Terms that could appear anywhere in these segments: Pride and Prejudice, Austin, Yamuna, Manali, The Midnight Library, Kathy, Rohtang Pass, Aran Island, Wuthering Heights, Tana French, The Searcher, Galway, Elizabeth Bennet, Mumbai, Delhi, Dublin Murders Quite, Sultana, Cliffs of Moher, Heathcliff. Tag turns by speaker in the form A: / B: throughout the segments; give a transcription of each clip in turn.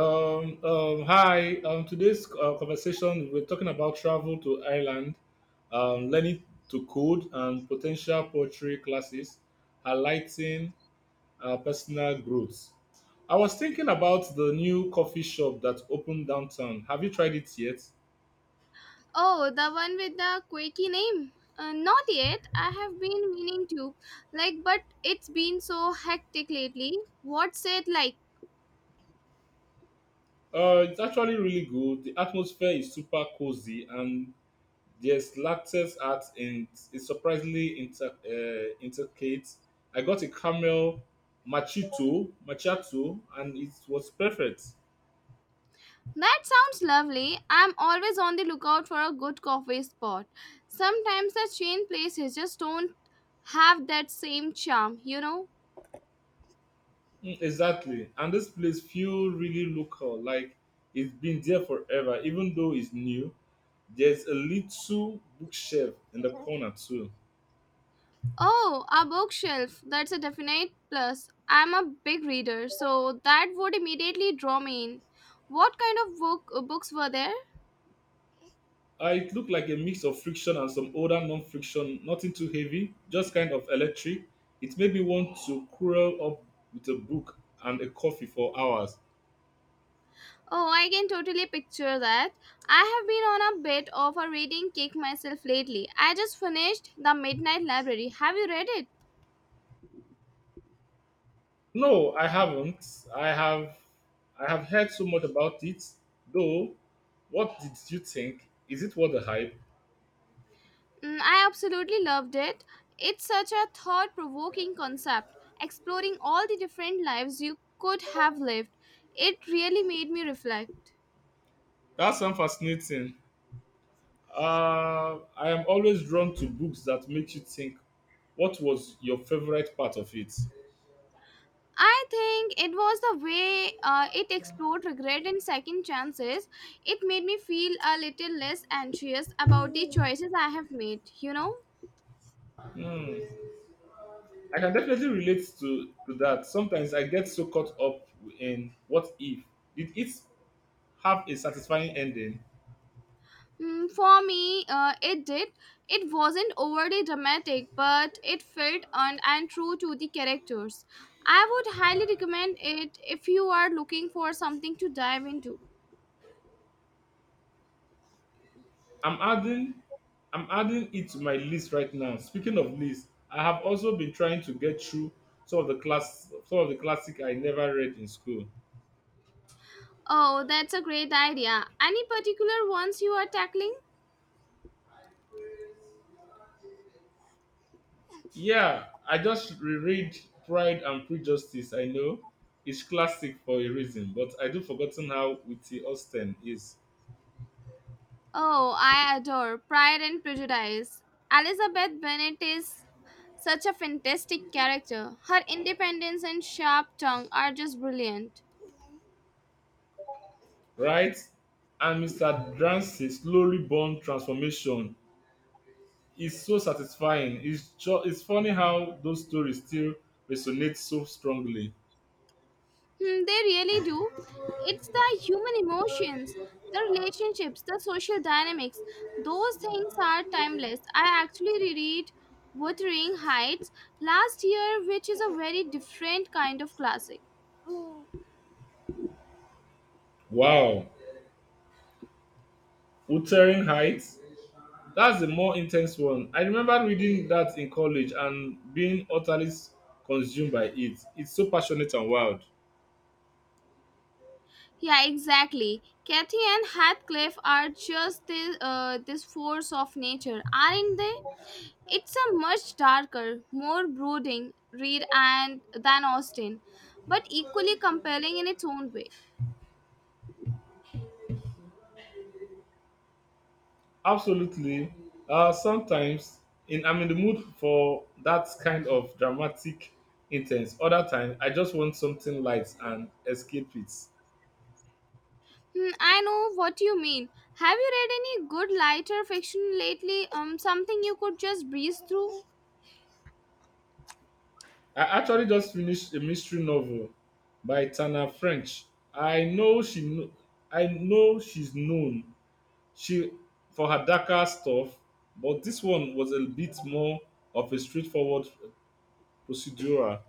A: Hi. Today's conversation we're talking about travel to Ireland, learning to code, and potential poetry classes, highlighting personal growth. I was thinking about the new coffee shop that opened downtown. Have you tried it yet?
B: Oh, the one with the quirky name? Not yet. I have been meaning to. Like, but it's been so hectic lately. What's it like?
A: It's actually really good. The atmosphere is super cozy, and yes, Lacte's art in, is surprisingly inter, intricate. I got a camel machito, machato, and it was perfect.
B: That sounds lovely. I'm always on the lookout for a good coffee spot. Sometimes the chain places just don't have that same charm, you know?
A: Mm, exactly. And this place feel really local, like it's been there forever, even though it's new. There's a little bookshelf in the corner too.
B: Oh, a bookshelf. That's a definite plus. I'm a big reader, so that would immediately draw me in. What kind of books were there?
A: It looked like a mix of friction and some older non-friction, nothing too heavy, just kind of electric. It made me want to curl up with a book and a coffee for hours.
B: Oh, I can totally picture that. I have been on a bit of a reading kick myself lately. I just finished The Midnight Library. Have you read it?
A: No, I haven't. I have heard so much about it. Though, what did you think? Is it worth the hype?
B: Mm, I absolutely loved it. It's such a thought provoking concept, exploring all the different lives you could have lived. It really made me reflect.
A: That sounds fascinating. I am always drawn to books that make you think. What was your favorite part of it?
B: I think it was the way it explored regret and second chances. It made me feel a little less anxious about the choices I have made, you know?
A: Hmm. I can definitely relate to that. Sometimes I get so caught up in what if did it have a satisfying ending.
B: Mm, for me, it did. It wasn't overly dramatic, but it felt earned and true to the characters. I would highly recommend it if you are looking for something to dive into.
A: I'm adding I'm adding it to my list right now. Speaking of list, I have also been trying to get through some of the classic I never read in school.
B: Oh, that's a great idea. Any particular ones you are tackling?
A: Yeah, I just reread Pride and Prejudice. I know it's classic for a reason, but I do forgotten how witty Austen is.
B: Oh, I adore Pride and Prejudice. Elizabeth Bennet is such a fantastic character. Her independence and sharp tongue are just brilliant.
A: Right and Mr. Dance's glory-born transformation is so satisfying, it's funny how those stories still resonate so strongly.
B: Hmm, they really do. It's the human emotions, the relationships, the social dynamics. Those things are timeless. I actually reread Wuthering Heights last year, which is a very different kind of classic.
A: Wow! Wuthering Heights? That's the more intense one. I remember reading that in college and being utterly consumed by it. It's so passionate and wild.
B: Yeah, exactly. Kathy and Heathcliff are just this force of nature, aren't they? It's a much darker, more brooding read and than Austin, but equally compelling in its own way.
A: Absolutely. Sometimes I'm in the mood for that kind of dramatic intense. Other time, I just want something light and escape it.
B: Hmm, I know what you mean. Have you read any good lighter fiction lately? Something you could just breeze through.
A: I actually just finished a mystery novel by Tana French. I know she, kno- I know she's known she for her darker stuff, but this one was a bit more of a straightforward procedural.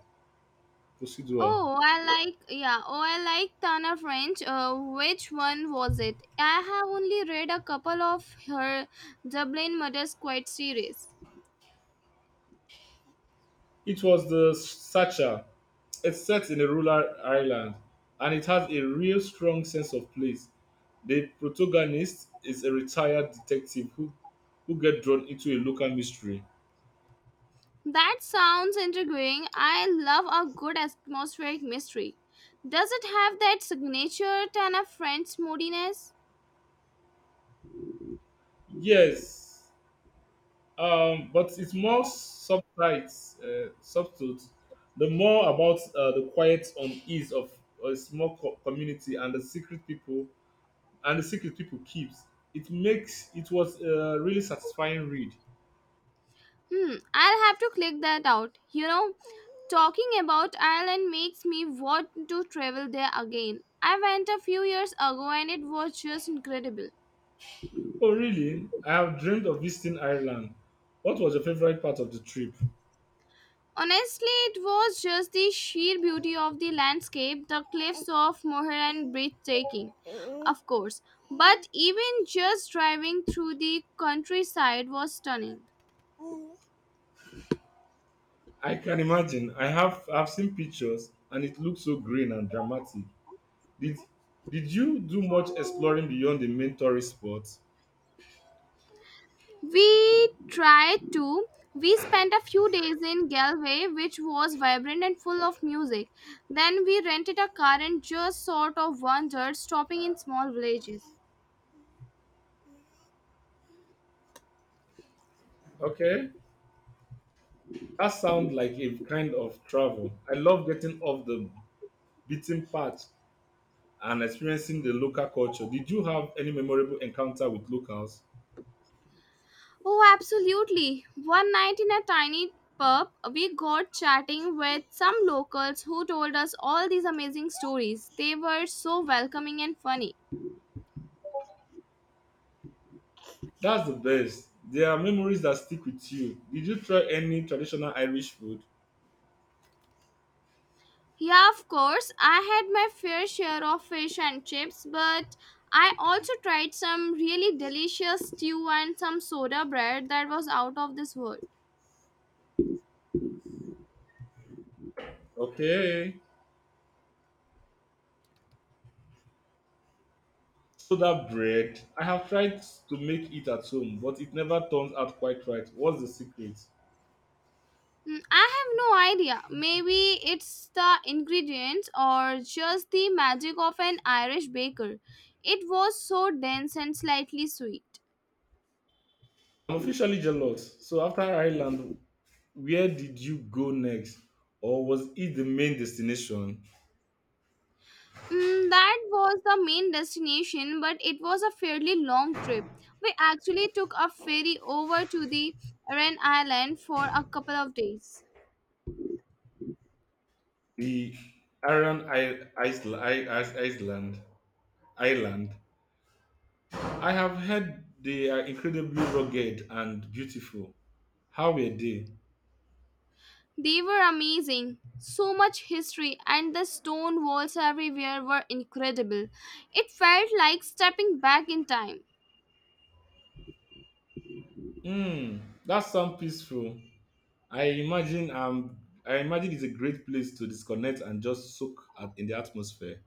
A: Procedural.
B: Oh, I like yeah. Oh, I like Tana French. Which one was it? I have only read a couple of her Dublin Murders Quite series.
A: It was The Searcher. It's set in a rural island, and it has a real strong sense of place. The protagonist is a retired detective who get drawn into a local mystery.
B: That sounds intriguing. I love a good atmospheric mystery. Does it have that signature Tana French moodiness?
A: Yes, but it's more subtle. The more about the quiet unease of a small community and the secret people keeps. It was a really satisfying read.
B: Hmm, I'll have to click that out. You know, talking about Ireland makes me want to travel there again. I went a few years ago and it was just incredible.
A: Oh, really? I have dreamed of visiting Ireland. What was your favorite part of the trip?
B: Honestly, it was just the sheer beauty of the landscape, the cliffs of Moher and breathtaking, of course. But even just driving through the countryside was stunning.
A: I can imagine. I've seen pictures and it looks so green and dramatic. Did did you do much exploring beyond the main tourist spots?
B: We tried to. We spent a few days in Galway, which was vibrant and full of music. Then we rented a car and just sort of wandered, stopping in small villages.
A: Okay. That sounds like a kind of travel. I love getting off the beaten path and experiencing the local culture. Did you have any memorable encounter with locals?
B: Oh, absolutely. One night in a tiny pub, we got chatting with some locals who told us all these amazing stories. They were so welcoming and funny.
A: That's the best. There are memories that stick with you. Did you try any traditional Irish food?
B: Yeah, of course. I had my fair share of fish and chips, but I also tried some really delicious stew and some soda bread that was out of this world.
A: Okay. Soda bread. I have tried to make it at home, but it never turns out quite right. What's the secret?
B: Mm, I have no idea. Maybe it's the ingredients or just the magic of an Irish baker. It was so dense and slightly sweet.
A: I'm officially jealous. So after Ireland, where did you go next? Or was it the main destination?
B: Mm, that was the main destination, but it was a fairly long trip. We actually took a ferry over to the Aran Island for a couple of days.
A: The Iron I- Isla- I- Is- Island. Island. I have heard they are incredibly rugged and beautiful. How were they?
B: They were amazing. So much history, and the stone walls everywhere were incredible. It felt like stepping back in time.
A: Hmm, that sounds peaceful. I imagine um I imagine it's a great place to disconnect and just in the atmosphere.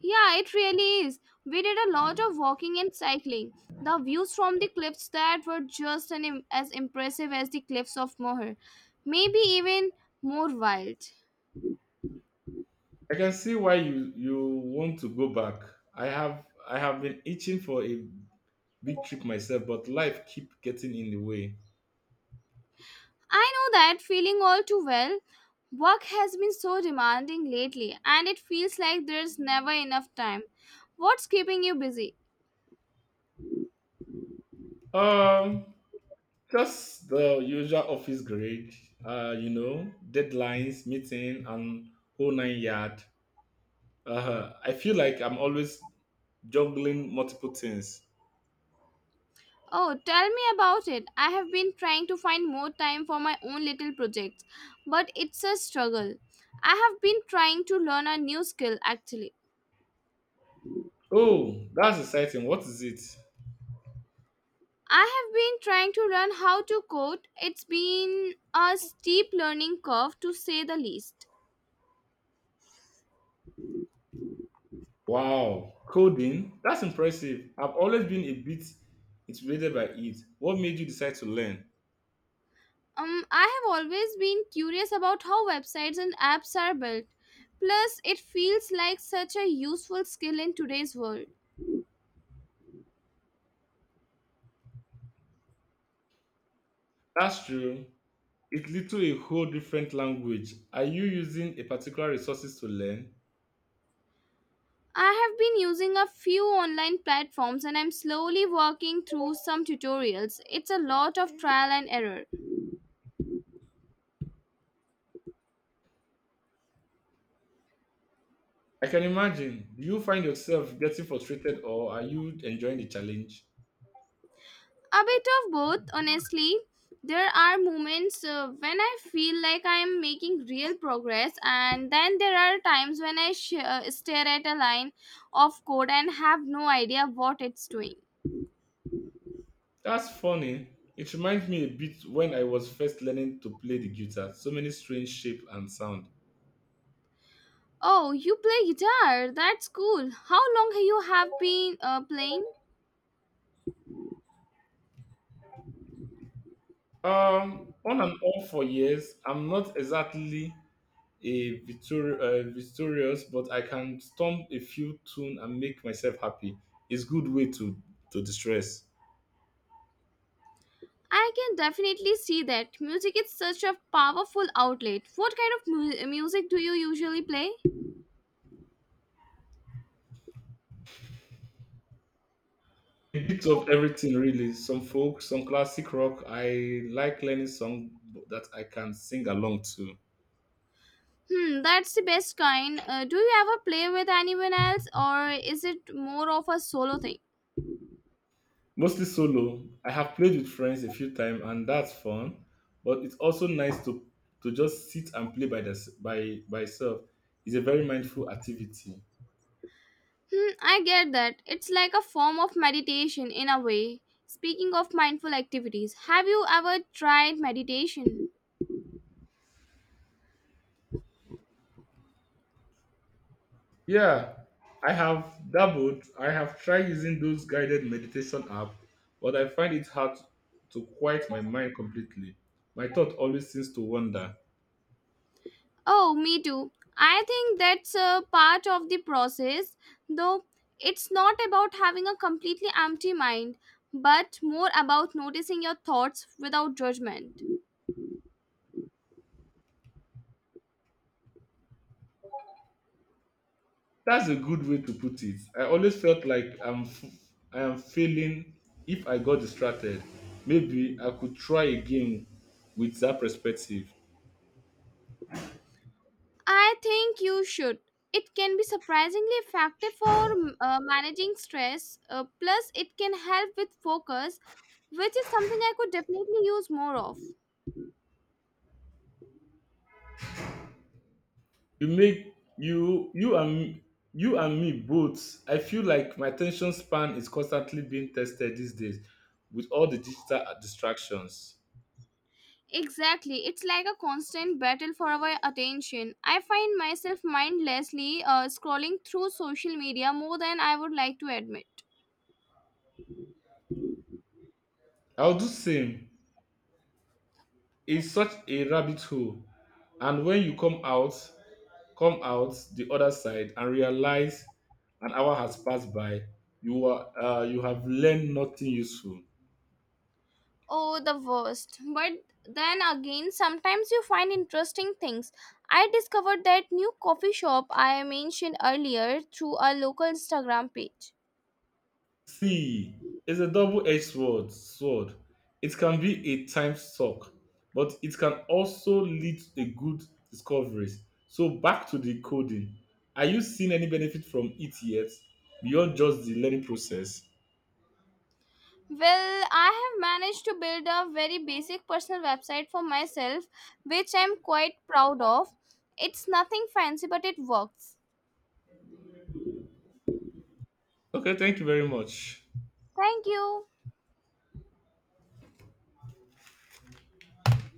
B: Yeah, it really is. We did a lot of walking and cycling. The views from the cliffs that were just an as impressive as the cliffs of Moher, maybe even more wild.
A: I can see why you want to go back. I have been itching for a big trip myself, but life keep getting in the way.
B: I know that feeling all too well. Work has been so demanding lately, and it feels like there's never enough time. What's keeping you busy?
A: Um, just the usual office grade. You know, deadlines, meeting, and whole nine yard. I feel like I'm always juggling multiple things.
B: Oh, tell me about it. I have been trying to find more time for my own little projects, but it's a struggle. I have been trying to learn a new skill actually.
A: Oh, that's exciting. What is it?
B: I have been trying to learn how to code. It's been a steep learning curve to say the least.
A: Wow, coding. That's impressive. I've always been a bit intimidated by it. What made you decide to learn?
B: I have always been curious about how websites and apps are built. Plus, it feels like such a useful skill in today's world.
A: That's true. It's literally a whole different language. Are you using a particular resources to learn?
B: I have been using a few online platforms and I'm slowly working through some tutorials. It's a lot of trial and error.
A: I can imagine. Do you find yourself getting frustrated or are you enjoying the challenge?
B: A bit of both, honestly. There are moments when I feel like I am making real progress, and then there are times when I stare at a line of code and have no idea what it's doing.
A: That's funny. It reminds me a bit when I was first learning to play the guitar. So many strange shape and sound.
B: Oh, you play guitar? That's cool. How long have you have been playing?
A: On and off for years, I'm not exactly a victorious, but I can stomp a few tune and make myself happy. It's good way to distress.
B: I can definitely see that. Music is such a powerful outlet. What kind of music do you usually play?
A: A bit of everything really. Some folk, some classic rock. I like learning song that I can sing along to.
B: Hmm, that's the best kind. Do you ever play with anyone else or is it more of a solo thing?
A: Mostly solo. I have played with friends a few times and that's fun. But it's also nice to just sit and play by the, by itself. It's a very mindful activity.
B: Hmm, I get that. It's like a form of meditation in a way. Speaking of mindful activities, have you ever tried meditation?
A: Yeah, I have dabbled. I have tried using those guided meditation app, but I find it hard to quiet my mind completely. My thought always seems to wander.
B: Oh, me too. I think that's a part of the process, though it's not about having a completely empty mind, but more about noticing your thoughts without judgment.
A: That's a good way to put it. I always felt like I am failing if I got distracted. Maybe I could try again with that perspective.
B: I think you should. It can be surprisingly effective for managing stress, plus, it can help with focus, which is something I could definitely use more of.
A: You make you you and me both. I feel like my attention span is constantly being tested these days with all the digital distractions.
B: Exactly. It's like a constant battle for our attention. I find myself mindlessly scrolling through social media more than I would like to admit.
A: I'll do same. It's such a rabbit hole, and when you come out the other side and realize an hour has passed by, you are you have learned nothing useful.
B: Oh, the worst. But then again, sometimes you find interesting things. I discovered that new coffee shop I mentioned earlier through a local Instagram page.
A: See, it's a double-edged sword. It can be a time suck, but it can also lead to a good discoveries. So back to the coding. Are you seeing any benefit from it yet beyond just the learning process?
B: Well, I have managed to build a very basic personal website for myself, which I'm quite proud of. It's nothing fancy, but it works.
A: Okay, thank you very much.
B: Thank you.